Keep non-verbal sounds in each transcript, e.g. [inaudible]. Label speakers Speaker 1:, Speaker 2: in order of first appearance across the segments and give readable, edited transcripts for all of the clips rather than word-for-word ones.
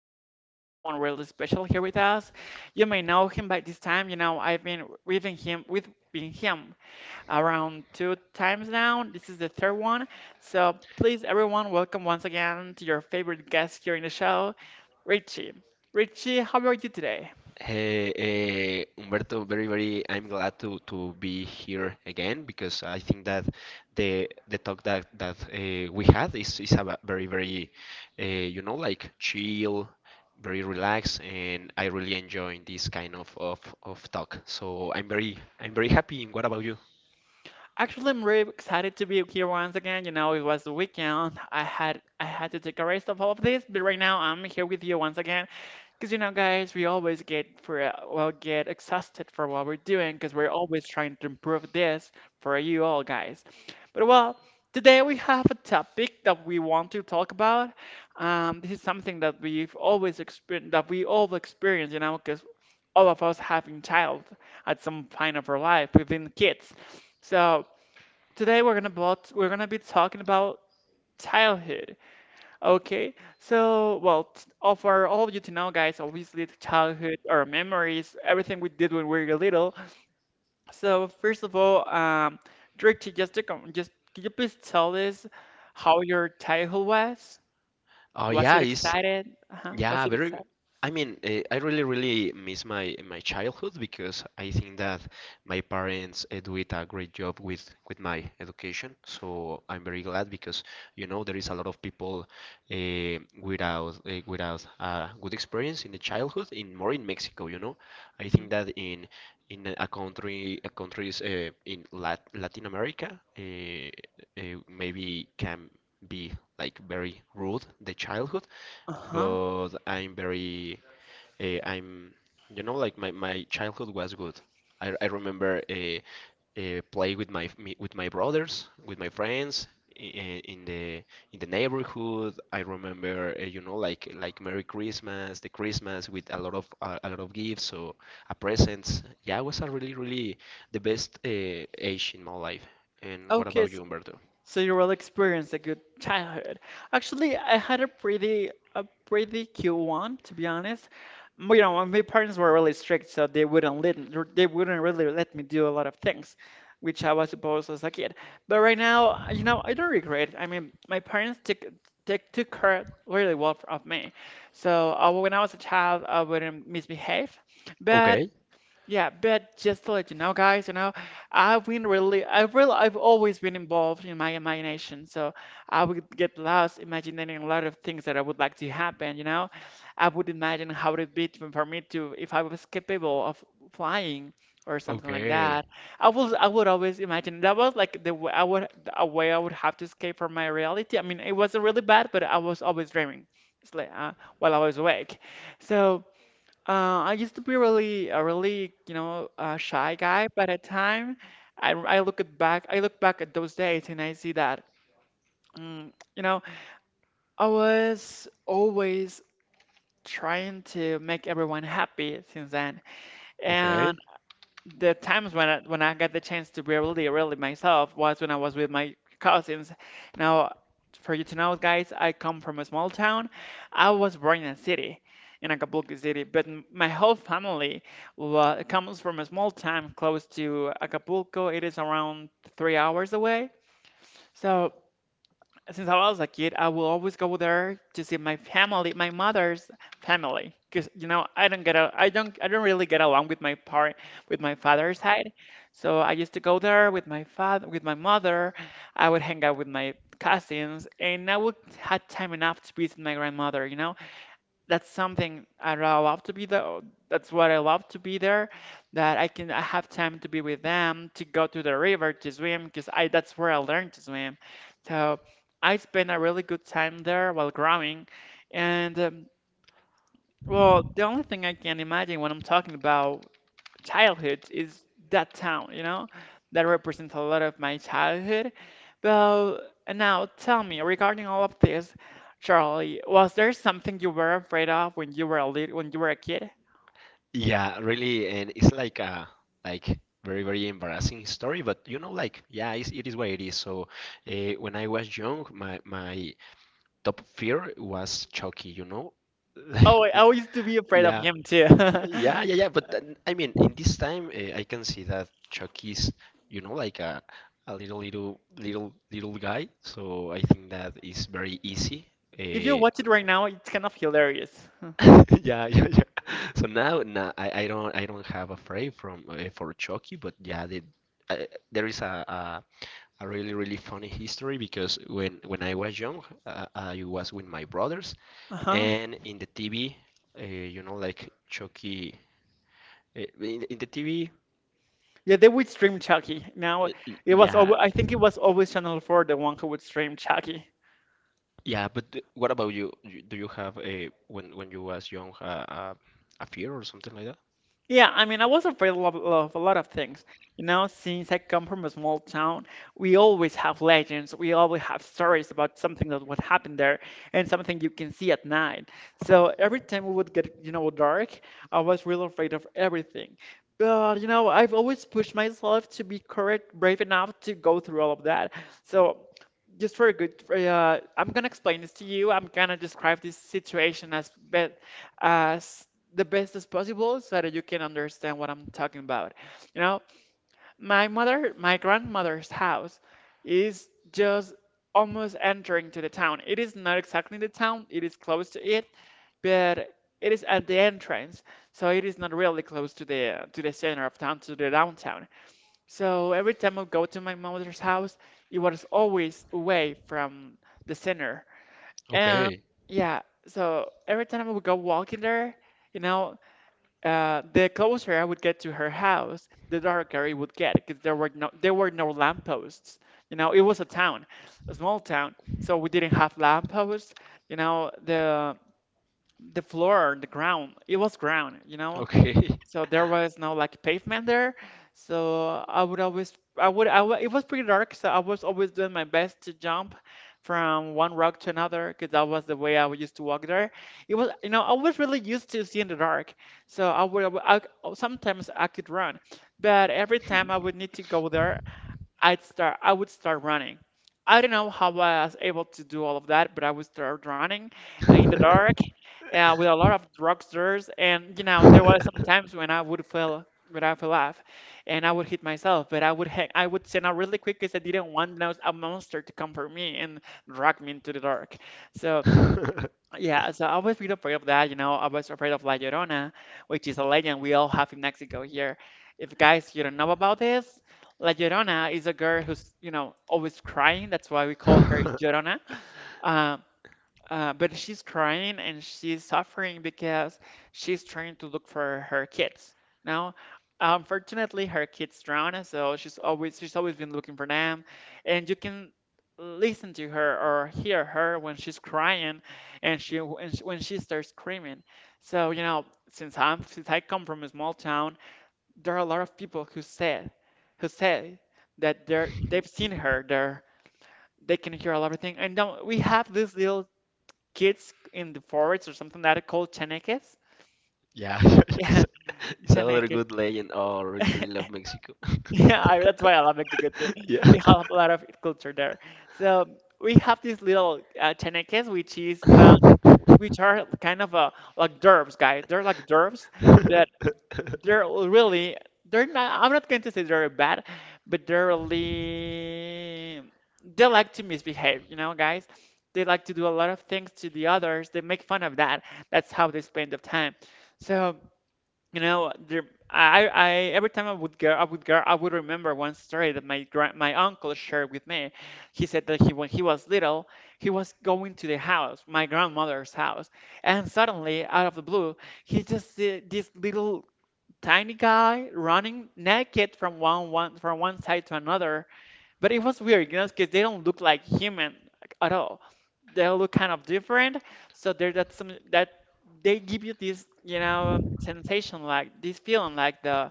Speaker 1: excited to have someone really special here with us. You may know him by this time. You know, I've been with him with been him around two times now. This is the third one. So please, everyone, welcome once again to your favorite guest here in the show, Richie. Richie, how are you today?
Speaker 2: Hey, Humberto, I'm glad to be here again because I think that the talk that we had is a very, very, uh, like chill, very relaxed, and I really enjoy this kind of talk. So I'm very, happy. What about you?
Speaker 1: Actually, I'm really excited to be here once again. You know, it was the weekend. I had to take a rest of all of this, but right now I'm here with you once again. Because you know, guys, we always get exhausted for what we're doing because we're always trying to improve this for you all, guys. But well, today we have a topic that we want to talk about. This is something that we've always experienced, that we all experience, you know, because all of us having child at some point of our life, we've been kids. So today we're gonna be talking about childhood. Okay, so well, all for all of you to know, guys, obviously the childhood, our memories, everything we did when we were little. So first of all, Drake, just to com just could you please tell us how your childhood was?
Speaker 2: Oh
Speaker 1: Was it
Speaker 2: yeah, it's
Speaker 1: excited? Uh-huh. Was
Speaker 2: Yeah,
Speaker 1: it
Speaker 2: very.
Speaker 1: excited?
Speaker 2: I mean, I really, really miss my childhood because I think that my parents did a great job with my education. So I'm very glad because you know there is a lot of people without a good experience in the childhood, in more in Mexico. You know, I think that in a countries in Latin America, maybe can be like very rude the childhood,
Speaker 1: Uh-huh.
Speaker 2: but I'm very I'm you know like my childhood was good. I remember play with with my brothers, with my friends in, in the in the neighborhood. I remember Merry Christmas, the Christmas with a lot of gifts, so a presents. Yeah, it was a really really the best age in my life. And what
Speaker 1: Okay,
Speaker 2: about you, Humberto?
Speaker 1: so you really experienced a good childhood. Actually, I had a pretty cute one, to be honest. You know, my parents were really strict, so they wouldn't really let me do a lot of things, which I was supposed as a kid. But right now, you know, I don't regret it. I mean, my parents took care really well of me. So when I was a child, I wouldn't misbehave. But
Speaker 2: Okay,
Speaker 1: yeah, but just to let you know, guys, you know, I've been really, I've always been involved in my imagination. So I would get lost imagining a lot of things that I would like to happen. You know, I would imagine how would it be to, for me to, if I was capable of flying or something like
Speaker 2: okay,
Speaker 1: that. I would always imagine that was like the way I would, a way I would have to escape from my reality. I mean, it wasn't really bad, but I was always dreaming. It's like, while I was awake. So. I used to be a really, you know, shy guy, but at time, I look back at those days and I see that, you know, I was always trying to make everyone happy since then, and
Speaker 2: okay.
Speaker 1: the times when when I got the chance to be really, really myself was when I was with my cousins. Now, for you to know, guys, I come from a small town. I was born in a city, in Acapulco City, but my whole family wa comes from a small town close to Acapulco. It is around 3 hours away. So since I was a kid, I will always go there to see my family, my mother's family, because you know I don't really get along with my part with my father's side, so I used to go there with my mother. I would hang out with my cousins, and I would had time enough to visit my grandmother. You know, that's something I really love to be there. That's what I love to be there. That I have time to be with them, to go to the river to swim, because I that's where I learned to swim. So I spent a really good time there while growing, and well, the only thing I can imagine when I'm talking about childhood is that town, you know? That represents a lot of my childhood. Well, and now tell me, regarding all of this, Charlie, was there something you were afraid of when you were a lit when you were a kid?
Speaker 2: Yeah, really, and it's like very very embarrassing story, but like yeah, it is what it is. So when I was young, my top fear was Chucky.
Speaker 1: Oh, I
Speaker 2: [laughs]
Speaker 1: I used to be afraid of
Speaker 2: Yeah,
Speaker 1: him too. [laughs]
Speaker 2: yeah, yeah, yeah. But then, I mean, in this time, I can see that Chucky's, like a little, little, little, little guy. So I think that is very easy.
Speaker 1: If you
Speaker 2: Uh,
Speaker 1: watch it right now, it's kind of hilarious. [laughs]
Speaker 2: [laughs] Yeah, yeah, yeah. So now I don't have a frame from for Chucky, but yeah, there is a really really funny history because when I was young, I was with my brothers,
Speaker 1: Uh-huh.
Speaker 2: and in the TV, like Chucky, in the TV,
Speaker 1: Yeah, they would stream Chucky. Now it was
Speaker 2: yeah,
Speaker 1: always, I think it was always Channel 4, the one who would stream Chucky.
Speaker 2: yeah. But what about you? Do you have a when you was young, a fear or something like that?
Speaker 1: Yeah, I mean, I was afraid of a lot of things. You know, since I come from a small town, we always have legends. We always have stories about something that what happened there and something you can see at night. So every time we would get, you know, dark, I was real afraid of everything. But, you know, I've always pushed myself to be courage, brave enough to go through all of that. So just for a good, for, I'm gonna explain this to you. I'm gonna describe this situation as the best as possible so that you can understand what I'm talking about. You know, my grandmother's house is just almost entering to the town. It is not exactly the town, it is close to it, but it is at the entrance, so it is not really close to the center of town, to the downtown. So every time I go to my mother's house, it was always away from the center. And
Speaker 2: Okay,
Speaker 1: yeah, so every time I would go walking there, you know, the closer I would get to her house, the darker it would get because there were no lampposts. You know, it was a town, a small town, so we didn't have lampposts. You know, the floor, the ground, it was ground. You know,
Speaker 2: okay.
Speaker 1: so there was no like pavement there. So I would always, I would, I wa- it was pretty dark. So I was always doing my best to jump from one rock to another because that was the way I used to walk there. It was, you know, I was really used to seeing the dark. So sometimes I could run, but every time I would need to go there I would start running. I don't know how I was able to do all of that, but I would start running in the dark with a lot of drugstores. And you know, there were some
Speaker 2: [laughs] [laughs]
Speaker 1: times when I fell off, and I would hit myself. But I would send out really quick because I didn't want a monster to come for me and drag me into the dark. So
Speaker 2: [laughs]
Speaker 1: yeah, so I was really afraid of that. You know, I was afraid of La Llorona, which is a legend we all have in Mexico here. If guys you don't know about this, La Llorona is a girl who's, you know, always crying. That's why we call her Llorona. Um, but she's crying and she's suffering because she's trying to look for her kids. Now, unfortunately, her kids drowned, so she's always been looking for them, and you can listen to her or hear her when she's crying, and when she starts screaming. So you know, since I come from a small town, there are a lot of people who say that they've seen her there. They can hear a lot of things, and now we have this little kids in the forest or something that are called chaneques.
Speaker 2: Yeah, [laughs]
Speaker 1: [laughs]
Speaker 2: it's
Speaker 1: Yeah,
Speaker 2: it's another
Speaker 1: chaneque.
Speaker 2: good legend. Oh, really, really
Speaker 1: [laughs]
Speaker 2: love Mexico. [laughs]
Speaker 1: Yeah, that's why I love Mexico too.
Speaker 2: Yeah.
Speaker 1: We have a lot of culture there. So we have these little chaneques, which is which are kind of like derps, guys. They're like derps that they're really they're not, I'm not going to say they're bad, but they're really they like to misbehave, you know, guys. They like to do a lot of things to the others. They make fun of that. That's how they spend their time. So, you know, I every time I would go, I would remember one story that my uncle shared with me. He said that he when he was little, he was going to the house, my grandmother's house, and suddenly out of the blue, he just see this little tiny guy running naked from one side to another. But it was weird, you know, because they don't look like human at all. They look kind of different. So there's that some that they give you this, you know, sensation, like this feeling like the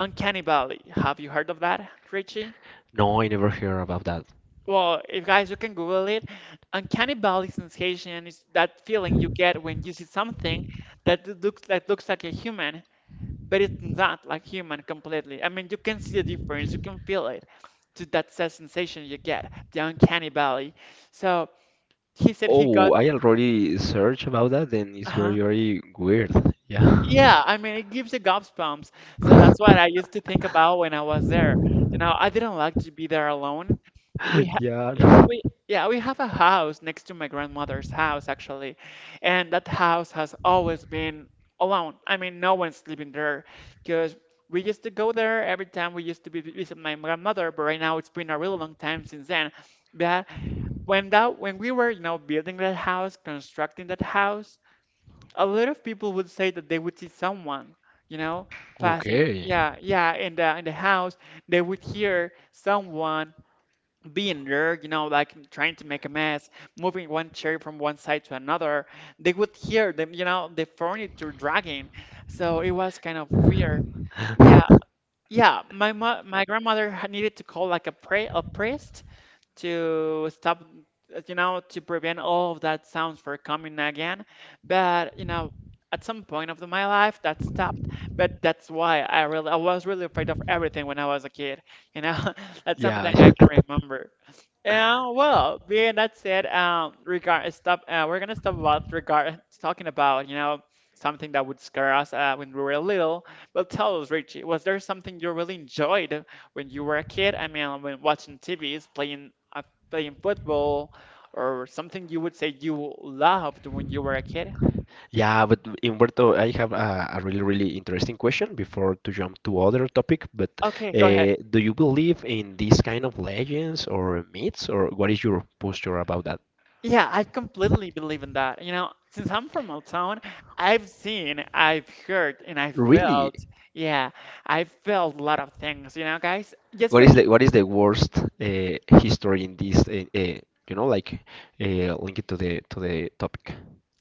Speaker 1: uncanny valley. Have you heard of that, Richie?
Speaker 2: No, I never heard about that.
Speaker 1: Well, if guys, you can Google it. Uncanny valley sensation is that feeling you get when you see something that looks like a human, but it's not like human completely. I mean, you can see the difference, you can feel it to that sensation you get, the uncanny valley. So he said he got,
Speaker 2: Oh, I already searched about that, and it's
Speaker 1: uh
Speaker 2: very, very weird. Yeah.
Speaker 1: yeah, I mean, it gives you goosebumps. So that's what
Speaker 2: [laughs]
Speaker 1: I used to think about when I was there. You know, I didn't like to be there alone. We ha
Speaker 2: Yeah.
Speaker 1: yeah,
Speaker 2: No.
Speaker 1: we Yeah, we have a house next to my grandmother's house actually, and that house has always been alone. I mean, no one's living there because we used to go there every time we used to be visit my grandmother, but right now it's been a really long time since then. But when we were, you know, building that house, constructing that house, a lot of people would say that they would see someone, you know, passing.
Speaker 2: Okay.
Speaker 1: Yeah, yeah, in the house, they would hear someone being there, you know, like trying to make a mess, moving one chair from one side to another. They would hear them, you know, the furniture dragging. So it was kind of weird. Yeah,
Speaker 2: [laughs]
Speaker 1: yeah. My grandmother had needed to call like a priest to stop, you know, to prevent all of that sounds from coming again. But, you know, at some point of my life that stopped. But that's why I was really afraid of everything when I was a kid. You know, [laughs] that's
Speaker 2: Yeah.
Speaker 1: something I can remember. Yeah, well, being that said, regard stop. We're gonna stop about regard talking about you know something that would scare us when we were little. But tell us, Richie, was there something you really enjoyed when you were a kid, I mean, when watching TVs, playing playing football or something you would say you loved when you were a kid?
Speaker 2: Yeah, but Humberto, I have a really, really interesting question before to jump to other topic. But
Speaker 1: Okay, go ahead.
Speaker 2: uh, do you believe in these kind of legends or myths, or what is your posture about that?
Speaker 1: Yeah, I completely believe in that. You know, since I'm from a town, I've seen, I've heard, and I've
Speaker 2: Really,
Speaker 1: felt. Yeah, I've felt a lot of things, you know, guys. Just
Speaker 2: what
Speaker 1: for
Speaker 2: is the worst history in this? You know, like Link it to the topic.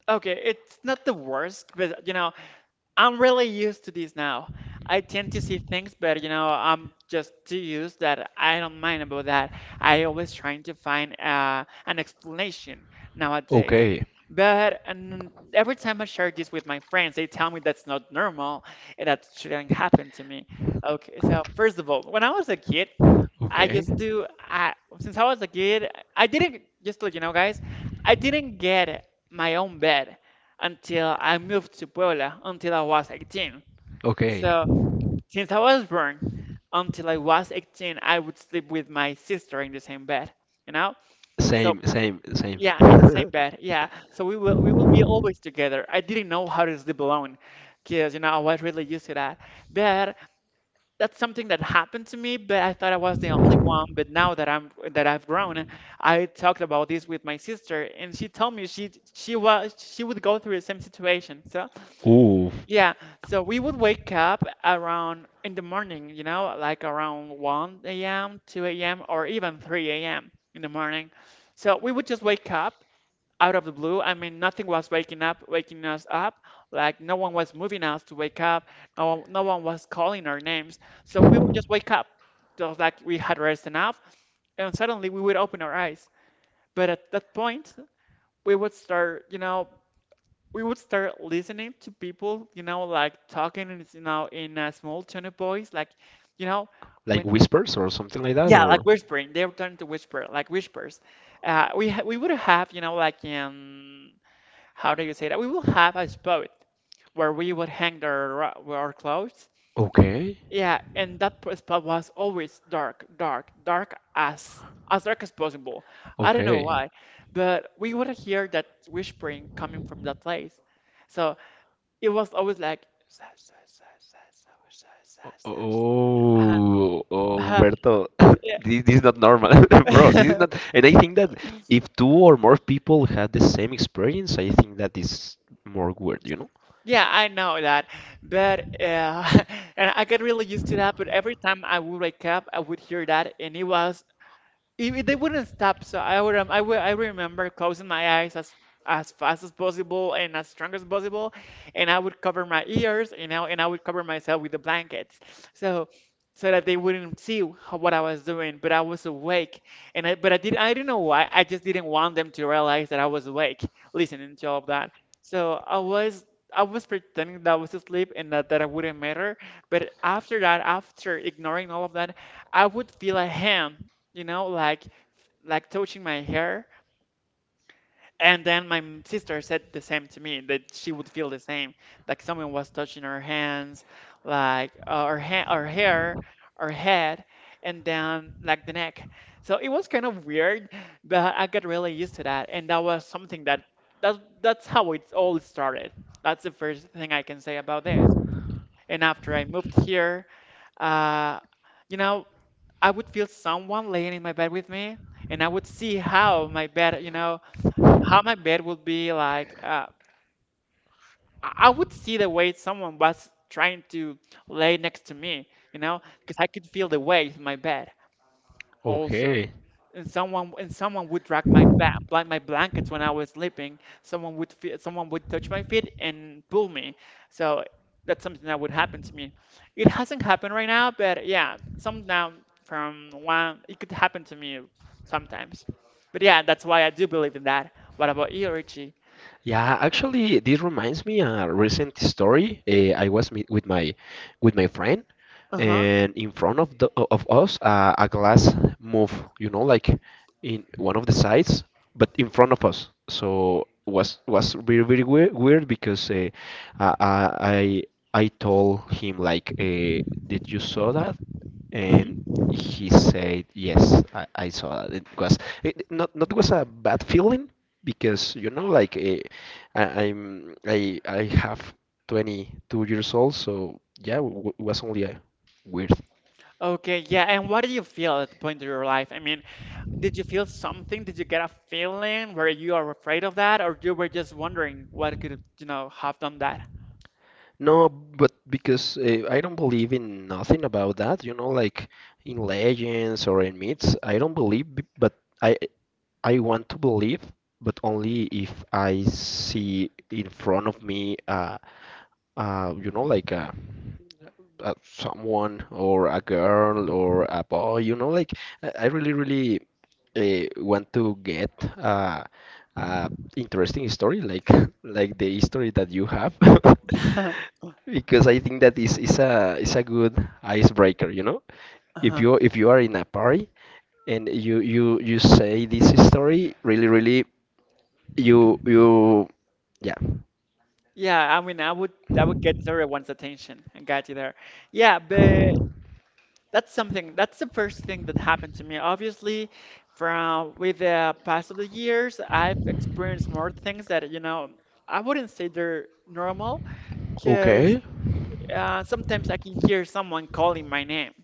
Speaker 1: okay, it's not the worst, but you know, I'm really used to this now. I tend to see things, but you know, I'm just too used that I don't mind about that. I always trying to find an explanation nowadays.
Speaker 2: Okay,
Speaker 1: But and every time I share this with my friends, they tell me that's not normal and that shouldn't happen to me. Okay, so first of all, when I was a kid, I
Speaker 2: okay,
Speaker 1: just do. I since I was a kid, I didn't just to let you know, guys. I didn't get my own bed until I moved to Puebla until I was 18.
Speaker 2: okay.
Speaker 1: So since I was born until I was 18, I would sleep with my sister in the same bed. You know, so
Speaker 2: Same, same, same.
Speaker 1: yeah, in the same
Speaker 2: [laughs]
Speaker 1: bed. Yeah, so we will be always together. I didn't know how to sleep alone, because you know I was really used to that. But that's something that happened to me, but I thought I was the only one. But now that I've grown, I talked about this with my sister, and she told me she would go through the same situation. So
Speaker 2: Ooh,
Speaker 1: yeah, so we would wake up around in the morning, you know, like around 1 a.m., 2 a.m., or even 3 a.m. in the morning. So we would just wake up out of the blue. I mean, nothing was waking us up. Like no one was moving us to wake up. No one was calling our names. So we would just wake up, just like we had rest enough, and suddenly we would open our eyes. But at that point, we would start, you know, we would start listening to people, you know, like talking, in, you know, in a small tone of voice, like, you know,
Speaker 2: like
Speaker 1: when
Speaker 2: whispers or something like that,
Speaker 1: yeah, like
Speaker 2: or.
Speaker 1: whispering. They were turning to whisper, like whispers. We would have, you know, like how do you say that? We will have a spot where we would hang our clothes.
Speaker 2: Okay,
Speaker 1: Yeah, and that spot was always dark as dark as possible. I don't know
Speaker 2: okay.
Speaker 1: why, but we would hear that whispering coming from that place. So it was always like "Sa- sa- sa- sa- sa- sa- sa- sa- sa." [laughs] Uh-huh,
Speaker 2: Oh,
Speaker 1: uh-huh,
Speaker 2: Humberto, [laughs] [coughs]
Speaker 1: yeah.
Speaker 2: this is not normal, [laughs] bro. This is not,
Speaker 1: [laughs]
Speaker 2: and I think that if two or more people had the same experience, I think that is more weird, you know?
Speaker 1: Yeah, I know that, but [laughs] and I got really used to that. But every time I would wake up, I would hear that, and it was if they wouldn't stop, so I remember closing my eyes as fast as possible and as strong as possible, and I would cover my ears, you know, and I would cover myself with the blankets, so so that they wouldn't see what I was doing. But I was awake, and I do not know why. I just didn't want them to realize that I was awake, listening to all of that. So I was. I was pretending that I was asleep and that I wouldn't matter. But after that, after ignoring all of that, I would feel a hand, you know, like touching my hair. And then my sister said the same to me that she would feel the same, like someone was touching her hands, like her hair, her head, and then like the neck. So it was kind of weird, but I got really used to that, and that was something that that's how it all started. That's the first thing I can say about this. And after I moved here, uh, you know, I would feel someone laying in my bed with me, and I would see how my bed, you know, how my bed would be like. I would see the way someone was trying to lay next to me, you know, because I could feel the weight in my bed also,
Speaker 2: Okay.
Speaker 1: and someone would drag my blankets when I was sleeping. Someone would touch my feet and pull me. So that's something that would happen to me. It hasn't happened right now, but yeah, some now from one it could happen to me sometimes. But yeah, that's why I do believe in that. What about you, Richie?
Speaker 2: Yeah, actually, this reminds me a recent story. I was meet with my friend,
Speaker 1: Uh huh.
Speaker 2: and in front of us, a glass moved. You know, like in one of the sides, but in front of us. So was very very weird, weird because I I I I told him like, "Did you saw that?" And he said, "Yes, I saw that. It was it not was a bad feeling because like I, I'm I have 22 years old, so yeah, w it was only a weird.
Speaker 1: Okay, yeah, and what do you feel at the point of your life? I mean, did you feel something? Did you get a feeling where you are afraid of that, or you were just wondering what could, you know, have done that?
Speaker 2: No, but because I don't believe in nothing about that, like in legends or in myths. I don't believe, but I want to believe, but only if I see in front of me, you know, like a someone or a girl or a boy, like I really, really want to get uh, uh interesting story like [laughs] like the history that you have [laughs]
Speaker 1: [laughs]
Speaker 2: because I think that is a good icebreaker, you know? If
Speaker 1: Uh-huh.
Speaker 2: you if you are in a party and you say this story, really, really you you yeah.
Speaker 1: Yeah, I mean, I would that would get everyone's attention. I got you there. Yeah, but that's something. That's the first thing that happened to me. Obviously, from with the past of the years, I've experienced more things that, you know, I wouldn't say they're normal, because
Speaker 2: Okay.
Speaker 1: sometimes I can hear someone calling my name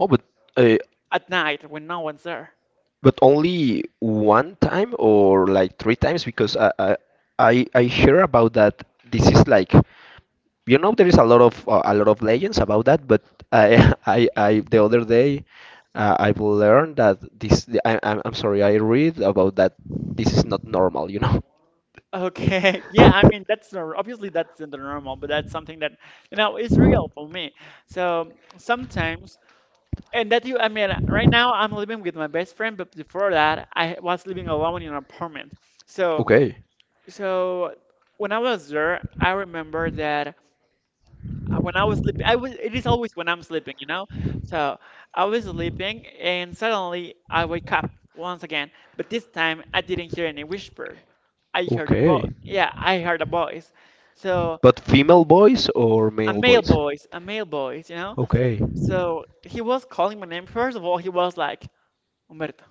Speaker 2: Oh, uh,
Speaker 1: at night when no one's there.
Speaker 2: but only one time or like three times because I hear about that. This is like there is a lot of legends about that. But I [laughs] I the other day I've learned that this I, I'm sorry I read about that. This is not normal.
Speaker 1: Okay. [laughs] Yeah, I mean
Speaker 2: [laughs]
Speaker 1: that's nor- obviously that's in the normal, but that's something that you know is real for me. So sometimes, and that you, I mean, right now I'm living with my best friend, but before that I was living alone in an apartment. So
Speaker 2: Okay.
Speaker 1: so when I was there, I remember that when I was sleeping, it is always when I'm sleeping, you know? So I was sleeping and suddenly I wake up once again, but this time I didn't hear any whisper. I heard a voice.
Speaker 2: Okay.
Speaker 1: Yeah, I heard a voice. So
Speaker 2: But female voice or male voice?
Speaker 1: a male voice, you know?
Speaker 2: Okay.
Speaker 1: So he was calling my name. First of all, he was like, Humberto.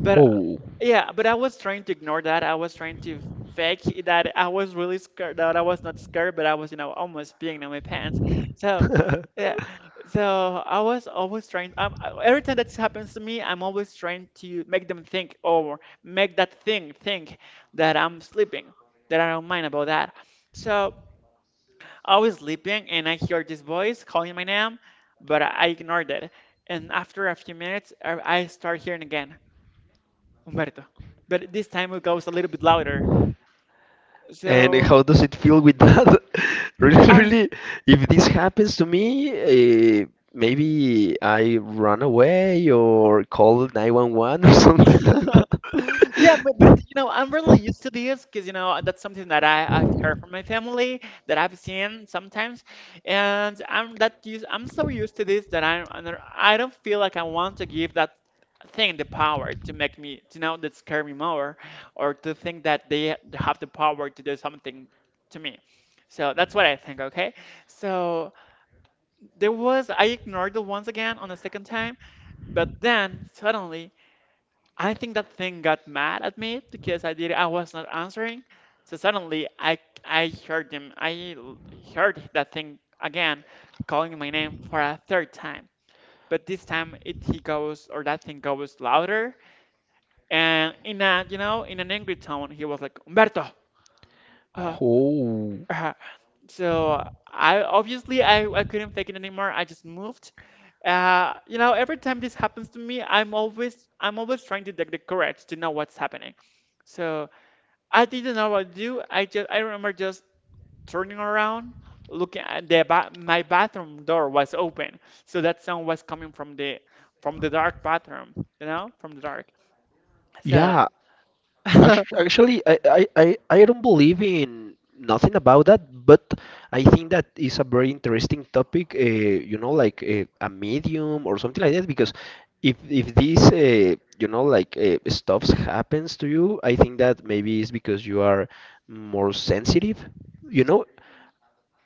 Speaker 1: But
Speaker 2: Oh.
Speaker 1: yeah, but I was trying to ignore that. I was trying to fake that I was really scared, that I was not scared, but I was, you know, almost peeing in my pants. So,
Speaker 2: [laughs]
Speaker 1: yeah. So I was always trying, every time that happens to me, I'm always trying to make them think or make that thing think that I'm sleeping, that I don't mind about that. So I was sleeping and I hear this voice calling my name, but I ignored it. And after a few minutes, I start hearing again. Humberto. But this time it goes a little bit louder.
Speaker 2: And
Speaker 1: So,
Speaker 2: how does it feel with that? [laughs] Really,
Speaker 1: uh,
Speaker 2: really, if this happens to me, uh, maybe I run away or call 911 or [laughs] something like
Speaker 1: [laughs] yeah, but
Speaker 2: that.
Speaker 1: you
Speaker 2: [laughs]
Speaker 1: know, I'm really used to this because you know that's something that I've heard from my family, that I've seen sometimes, and I'm that used. I'm so used to this that I don't feel like I want to give that thing the power to make me to know that scare me more or to think that they have the power to do something to me. So that's what I think. Okay, so. There was, I ignored it once again on the second time, but then suddenly, I think that thing got mad at me because I was not answering. So suddenly, I heard him, heard that thing again calling my name for a third time. But this time, it he goes, or that thing goes louder, and in a, you know, in an angry tone, he was like, Humberto. Uh,
Speaker 2: Oh,
Speaker 1: uh. So I obviously I couldn't fake it anymore. I just moved. Every time this happens to me, I'm always trying to take the courage to know what's happening. So I didn't know what to do. I remember just turning around, looking at the ba my bathroom door was open, so that sound was coming from the dark bathroom, you know, from the dark. So
Speaker 2: yeah.
Speaker 1: [laughs]
Speaker 2: Actually, I don't believe in nothing about that, but I think that is a very interesting topic, like a medium or something like that, because if these stuffs happens to you, I think that maybe it's because you are more sensitive, you know,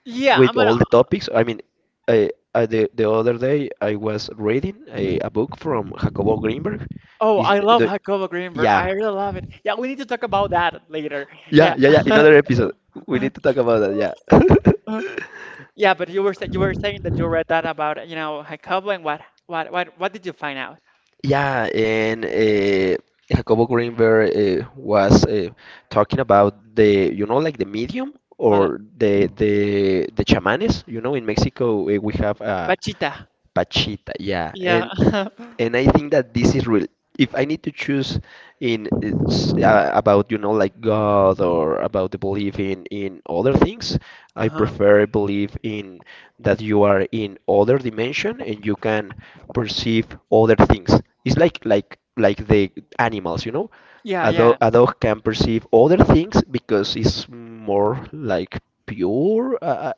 Speaker 1: yeah, I'm
Speaker 2: with
Speaker 1: gonna.
Speaker 2: all the topics. I mean, uh, the other day I was reading a book from Jacobo Greenberg.
Speaker 1: Oh,
Speaker 2: Is
Speaker 1: I love
Speaker 2: the,
Speaker 1: Jacobo Greenberg.
Speaker 2: yeah.
Speaker 1: I really love it. Yeah, we need to talk about that later. Yeah.
Speaker 2: Yeah, yeah, yeah. Another episode. We need to talk about that. Yeah. [laughs]
Speaker 1: [laughs] Yeah, but you were saying that you read that about, Jacobo, and what did you find out?
Speaker 2: Yeah, and Jacobo Greenberg was talking about the, you know, like the medium
Speaker 1: Well,
Speaker 2: or the chamanes. You know, in Mexico we have
Speaker 1: Bachita.
Speaker 2: pachita. Yeah,
Speaker 1: Yeah.
Speaker 2: and
Speaker 1: [laughs]
Speaker 2: and I think that this is real. If I need to choose about like God or about the belief in other things, I
Speaker 1: Uh-huh.
Speaker 2: prefer believe in that you are in other dimension and you can perceive other things. It's like the animals.
Speaker 1: Yeah,
Speaker 2: A dog,
Speaker 1: yeah.
Speaker 2: a dog can perceive other things because it's more like pure.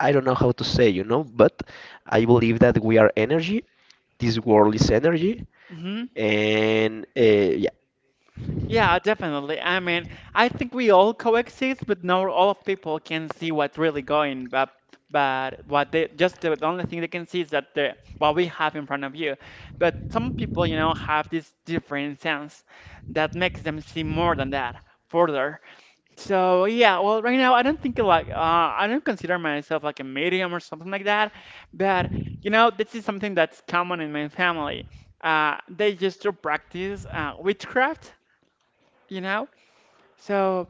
Speaker 2: I don't know how to say, but I believe that we are energy. This world is energy,
Speaker 1: Hmm.
Speaker 2: and yeah.
Speaker 1: Yeah, definitely. I mean, I think we all coexist, but not all people can see what's really going. But what they just the only thing they can see is that the what we have in front of you. But some people, you know, have this different sense that makes them see more than that further. So yeah, well, right now I don't think like I don't consider myself like a medium or something like that, but you know this is something that's common in my family. They used to practice witchcraft, you know. So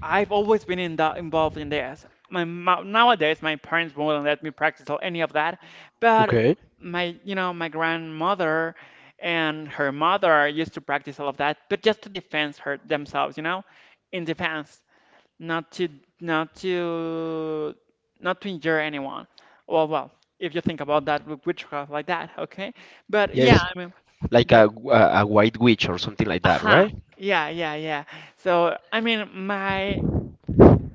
Speaker 1: I've always been involved in this. Nowadays my parents won't let me practice or any of that, but
Speaker 2: Okay.
Speaker 1: my you know my grandmother and her mother used to practice all of that, but just to defend her themselves, you know, in defense not to not to not to injure anyone. Well, well, if you think about that with witchcraft like that, okay. But yeah,
Speaker 2: Yes,
Speaker 1: I mean
Speaker 2: like
Speaker 1: that.
Speaker 2: a white witch or something like that,
Speaker 1: Aha.
Speaker 2: right?
Speaker 1: Yeah, yeah, yeah. So I mean, my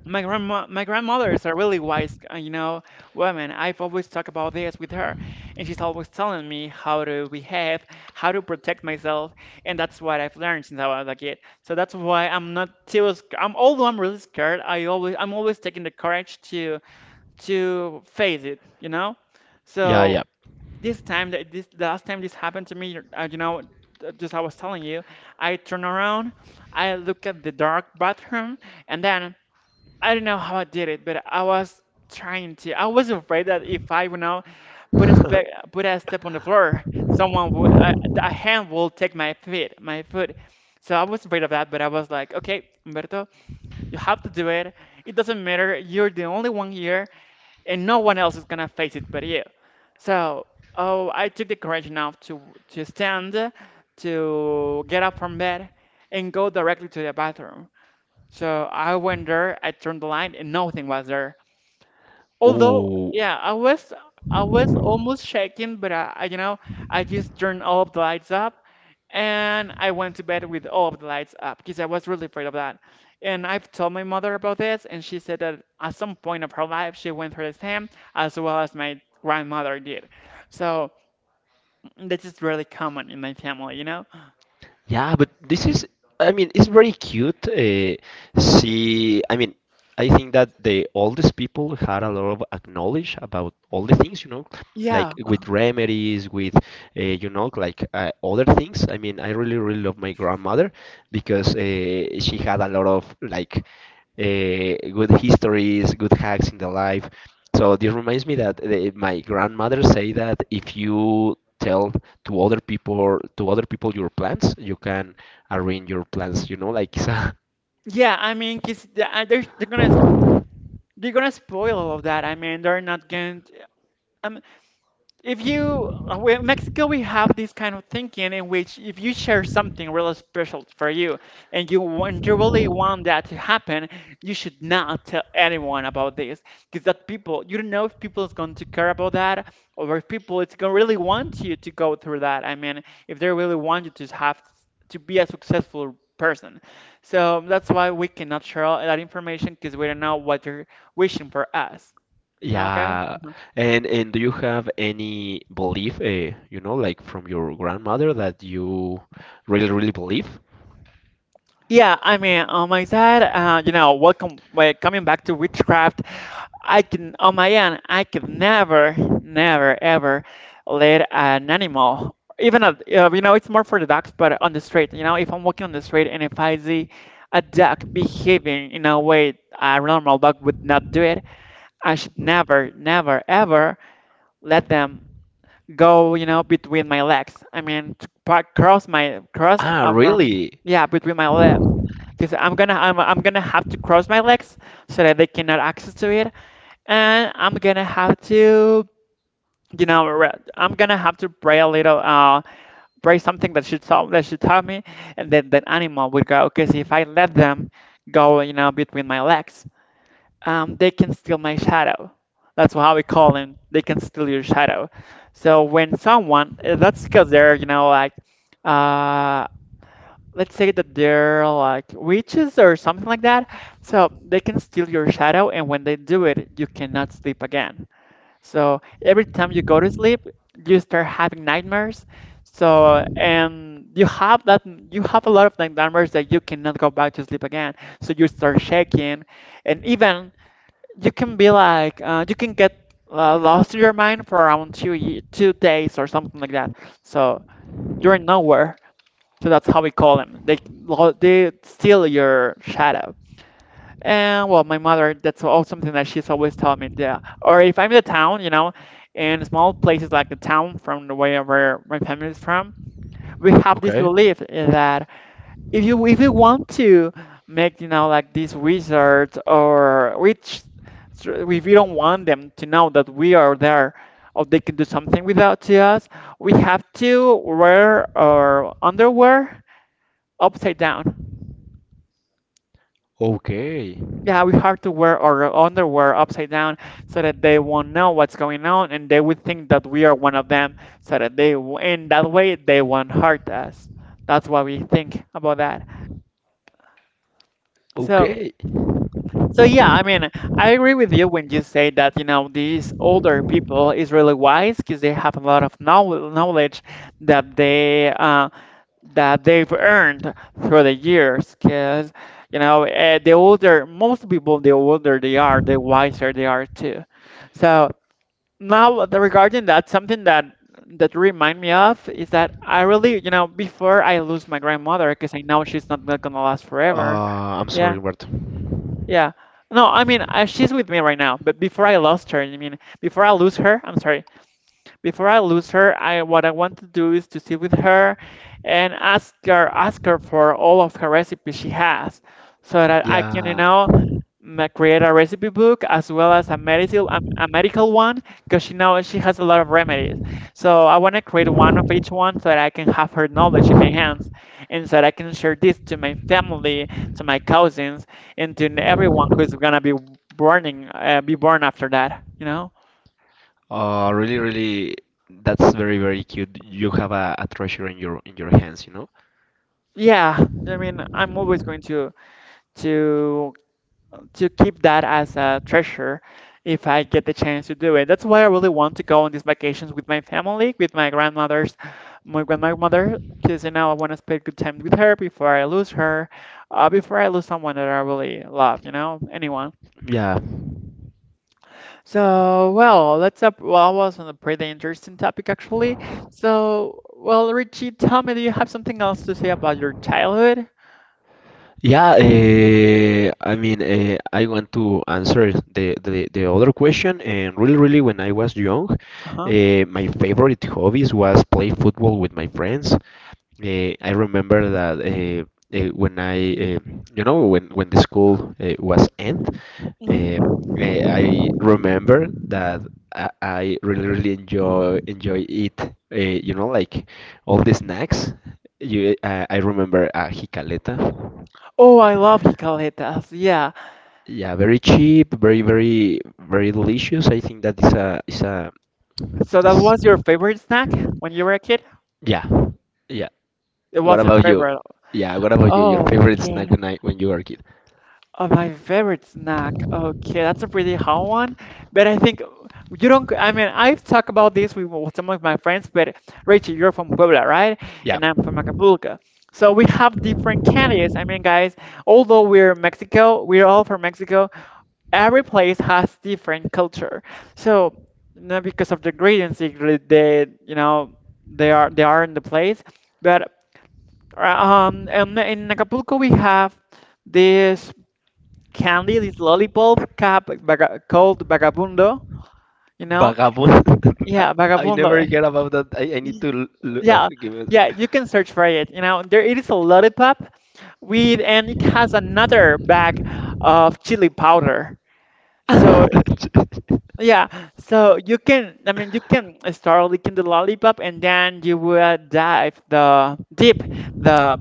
Speaker 1: my grandma, my grandmothers are really wise, women. I've always talked about this with her, and she's always telling me how to behave, how to protect myself, and that's what I've learned since I was a kid. So that's why I'm not too sc- I'm although I'm really scared, I'm always taking the courage to face it, you know.
Speaker 2: Yeah, yeah.
Speaker 1: So this time, that this the last time this happened to me, just I was telling you, I turn around, I look at the dark bathroom, and then. I don't know how I did it, but I was trying to. I was afraid that if I, put a spe
Speaker 2: [laughs]
Speaker 1: put a step on the floor, a hand will take my foot. So I was afraid of that, but I was like, okay, Humberto, you have to do it. It doesn't matter. You're the only one here, and no one else is gonna face it but you. So, oh, I took the courage enough to stand, to get up from bed, and go directly to the bathroom. So I went there, I turned the light, and nothing was there. Although,
Speaker 2: Oh.
Speaker 1: yeah, I was almost shaking, but I just turned all of the lights up, and I went to bed with all of the lights up because I was really afraid of that. And I've told my mother about this, and she said that at some point of her life she went through the same as well as my grandmother did. So this is really common in my family, you know?
Speaker 2: Yeah, but I mean, it's very cute. See, I mean, I think that the oldest people had a lot of knowledge about all the things,
Speaker 1: Yeah,
Speaker 2: like with remedies, with, other things. I mean, I really, really love my grandmother because she had a lot of like good histories, good hacks in the life. So this reminds me that my grandmother say that if you tell to other people your plans, you can arrange your plans. You know, like
Speaker 1: yeah, I mean, because gonna they're gonna spoil all of that. I mean, they're not going to. Um, if you, we- In Mexico, we have this kind of thinking in which if you share something really special for you and you really want that to happen, you should not tell anyone about this because that people, you don't know if people is going to care about that or if people it's going to really want you to go through that. I mean, if they really want you to have to be a successful person. So that's why we cannot share all that information because we don't know what they're wishing for us.
Speaker 2: [laughs]
Speaker 1: You know, guys?
Speaker 2: yeah. And do you have any belief, like from your grandmother that you really really believe?
Speaker 1: Yeah, I mean, on my side, you know, well, coming back to witchcraft, I can, on my end, I could never, never, ever let an animal, even a, you know, it's more for the dogs, but on the street, you know, if I'm walking on the street and if I see a dog behaving in a way a normal dog would not do it, I should never, never, ever let them go, you know, between my legs. I mean, to cross cross,
Speaker 2: Ah,
Speaker 1: I mean,
Speaker 2: really?
Speaker 1: yeah, between my legs, because I'm gonna have to cross my legs so that they cannot access to it, and I'm gonna have to I'm gonna have to pray a little, pray something that should tell me, and then that animal would go, because if I let them go, you know, between my legs, they can steal my shadow. That's how we call them. They can steal your shadow. So when someone, that's because they're, you know, like, uh let's say that they're like witches or something like that. So they can steal your shadow, and when they do it, you cannot sleep again. So every time you go to sleep, you start having nightmares. So and you have a lot of nightmares that you cannot go back to sleep again. So you start shaking, and even you can be like, you can get, lost in your mind for around 2 days or something like that. So you're nowhere. So that's how we call them. They they steal your shadow. And well, my mother, that's also something that she's always telling me. Yeah. Or if I'm in the town, you know, in small places like the town from the way where my family is from, we have this
Speaker 2: Okay.
Speaker 1: belief that if you want to make, you know, like these wizards or witch, if you don't want them to know that we are there, or they can do something without to us, we have to wear our underwear upside down.
Speaker 2: Okay.
Speaker 1: Yeah, we have to wear our underwear upside down so that they won't know what's going on and they would think that we are one of them, so that in that way, they won't hurt us. That's what we think about that. So,
Speaker 2: Okay.
Speaker 1: so, yeah, I mean, I agree with you when you say that, you know, these older people is really wise because they have a lot of knowledge that they that they've earned through the years, because you know, the older most people, the older they are the wiser they are too. So now, regarding that, something that remind me of is that I really, you know, before I lose my grandmother, because I know she's not gonna last forever.
Speaker 2: I'm
Speaker 1: Yeah.
Speaker 2: sorry, Bert.
Speaker 1: Yeah. No, I mean, she's with me right now, but before I lose her. I'm sorry. Before I lose her, I what I want to do is to sit with her and ask her for all of her recipes she has, so that I can, you
Speaker 2: Yeah.
Speaker 1: know, create a recipe book, as well as a medical, a medical one, because she knows she has a lot of remedies. So I want to create one of each one so that I can have her knowledge in my hands and so that I can share this to my family, to my cousins, and to everyone who's gonna be burning be born after that. You know?
Speaker 2: Really, really, that's very, very cute. You have a treasure in your hands, you know?
Speaker 1: Yeah, I mean, I'm always going to to keep that as a treasure if I get the chance to do it. That's why I really want to go on these vacations with my family, with my grandmother, because you know I want to spend good time with her before I lose her, before I lose someone that I really love, you know, anyone.
Speaker 2: Yeah,
Speaker 1: So, well, let's up. Well, I was on a pretty interesting topic actually. So, well, Richie, tell me, do you have something else to say about your childhood?
Speaker 2: yeah. I mean, I want to answer the other question. And really, really, when I was young,
Speaker 1: Uh-huh.
Speaker 2: my favorite hobbies was play football with my friends. I remember that when I, you know, when the school was end. Eh,
Speaker 1: Mhm.
Speaker 2: I remember that I really really enjoy it. Like all the snacks. I remember jicaleta.
Speaker 1: Oh, I love Hikaletas. Yeah.
Speaker 2: Yeah, very cheap, very very very delicious. I think that is a is a
Speaker 1: So that
Speaker 2: is
Speaker 1: was your favorite snack when you were a kid?
Speaker 2: yeah, yeah.
Speaker 1: It
Speaker 2: What
Speaker 1: was a
Speaker 2: about you?
Speaker 1: favorite.
Speaker 2: Yeah, what about you? Your
Speaker 1: Oh,
Speaker 2: favorite snack
Speaker 1: okay.
Speaker 2: when you were a kid?
Speaker 1: Oh, my favorite snack. Okay, that's a pretty hard one. But I think you don't. I mean, I've talked about this with some of my friends. But Rachel, you're from Puebla, right?
Speaker 2: Yeah,
Speaker 1: And I'm from Acapulco. So we have different candies. I mean, guys, although we're Mexico, we're all from Mexico. Every place has different culture. So not because of the ingredients, they they are in the place. But in Acapulco we have this candy, this lollipop called Vagabundo, you know?
Speaker 2: vagabond. [laughs] I,
Speaker 1: Yeah,
Speaker 2: I never
Speaker 1: Vagabundo.
Speaker 2: hear about that. I need to
Speaker 1: Yeah,
Speaker 2: give
Speaker 1: yeah, you can search for it. You know, there it is a lollipop with, and it has another bag of chili powder. So
Speaker 2: it. [laughs]
Speaker 1: yeah, so you can, I mean, you can start licking the lollipop and then you will dive the dip the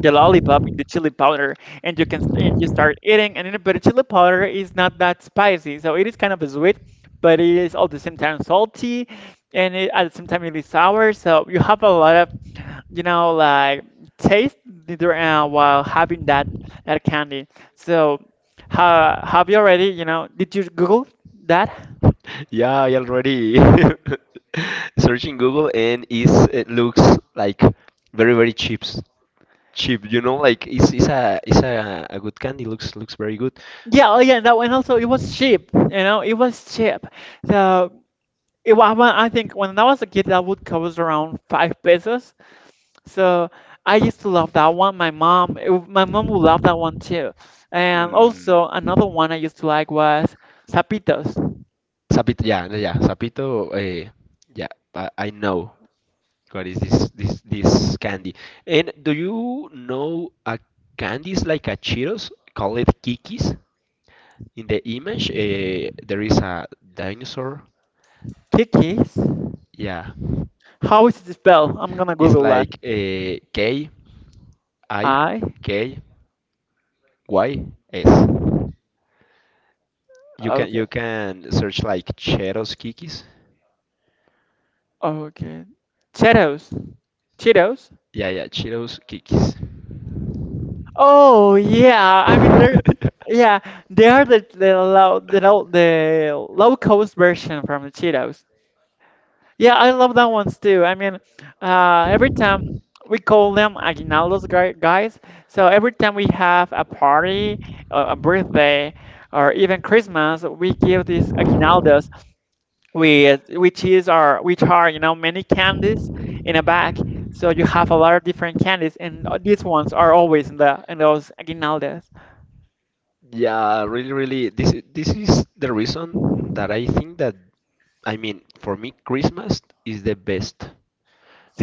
Speaker 1: the lollipop in the chili powder and you start eating but the chili powder is not that spicy, so it is kind of sweet, but it is all the same time salty, and it, at the same time it is sour. So you have a lot of, you know, like, taste while having that that candy. So have you already, you know, did you google that?
Speaker 2: Yeah, I already [laughs] searching Google and is it looks like very very cheap, cheap. You know, like it's a good candy. Looks very good.
Speaker 1: Yeah, oh yeah, that one also, it was cheap, you know, it was cheap. So it was, when I think when I was a kid, that would cost around 5 pesos. So I used to love that one. My mom, my mom would love that one too. And
Speaker 2: Mm,
Speaker 1: also another one I used to like was Zapitos.
Speaker 2: Zapito, yeah, yeah, sapito. Yeah, I know what is this candy. And do you know a candy is like a Cheetos? Call it Kikis. In the image, there is a dinosaur.
Speaker 1: Kikis.
Speaker 2: Yeah,
Speaker 1: How is it spelled? I'm gonna
Speaker 2: it's
Speaker 1: Google that.
Speaker 2: like a K. I
Speaker 1: I.
Speaker 2: K Y S. You can
Speaker 1: Okay.
Speaker 2: you can search like Cheetos Kikis.
Speaker 1: Okay. Cheetos. Cheetos.
Speaker 2: Yeah, yeah, Cheetos Kikis.
Speaker 1: Oh yeah, I mean they're,
Speaker 2: [laughs]
Speaker 1: yeah, they are the the low cost version from the Cheetos. Yeah, I love that ones too. I mean, every time we call them aguinaldos, guys. So every time we have a party, or a birthday, or even Christmas, we give these aguinaldos, with which is our, which are, you know, many candies in a bag. So you have a lot of different candies, and these ones are always in the in those aguinaldos
Speaker 2: Yeah, really, really. This is the reason that I think that I mean for me Christmas is the best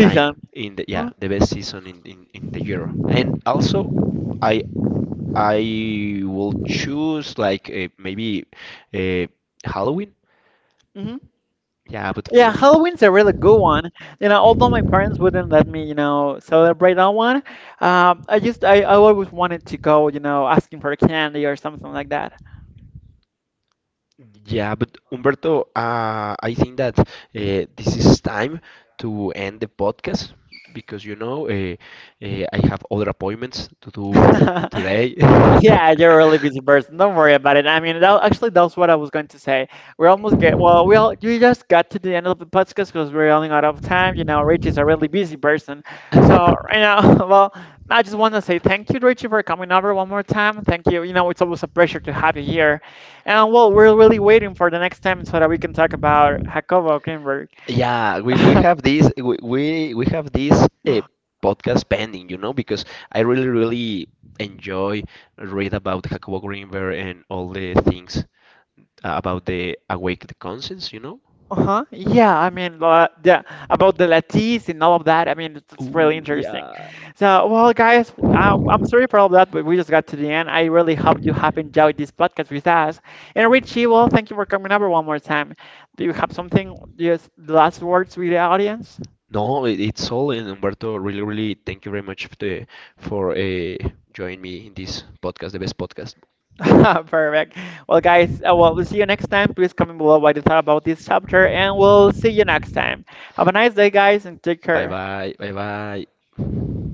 Speaker 2: time in the
Speaker 1: Mm-hmm.
Speaker 2: yeah the best season in the year. And also, I I will choose like maybe uh, Halloween. Yeah, but
Speaker 1: Yeah,
Speaker 2: for me.
Speaker 1: Halloween's a really good one. You know, although my parents wouldn't let me, you know, celebrate that one, I just I always wanted to go, you know, asking for candy or something like that.
Speaker 2: Yeah, but Umberto, I think that this is time to end the podcast because I have other appointments to do
Speaker 1: [laughs]
Speaker 2: today.
Speaker 1: Yeah, you're a really
Speaker 2: [laughs]
Speaker 1: busy person. Don't worry about it. I mean, that, actually, that's what I was going to say. We almost get, well, we all, we just got to the end of the podcast because we're running out of time. You know, Rich is a really busy person. So, you know, [laughs] well, I just want to say thank you, Richie, for coming over one more time. Thank you. You know, it's always a pleasure to have you here. And, well, we're really waiting for the next time so that we can talk about Jacobo Greenberg.
Speaker 2: Yeah, we, we
Speaker 1: [laughs]
Speaker 2: have this we, we, we have this uh, podcast pending, because I really really enjoy read about Jacobo Greenberg and all the things about the conscience.
Speaker 1: Uh-huh. Yeah, I mean, yeah, about the lattes and all of that. I mean, it's really
Speaker 2: Ooh,
Speaker 1: interesting.
Speaker 2: yeah.
Speaker 1: So, well, guys, I'm sorry for all that, but we just got to the end. I really hope you have enjoyed this podcast with us. And Richie, well, thank you for coming over one more time. Do you have something, just the last words with the audience?
Speaker 2: No, it's all. And Humberto, really, really, thank you very much for for uh, joining me in this podcast, the best podcast.
Speaker 1: [laughs] Perfect. Well, guys, well, we'll see you next time. Please comment below what you thought about this chapter, and we'll see you next time. Have a nice day, guys, and take
Speaker 2: Bye
Speaker 1: care.
Speaker 2: bye, bye bye.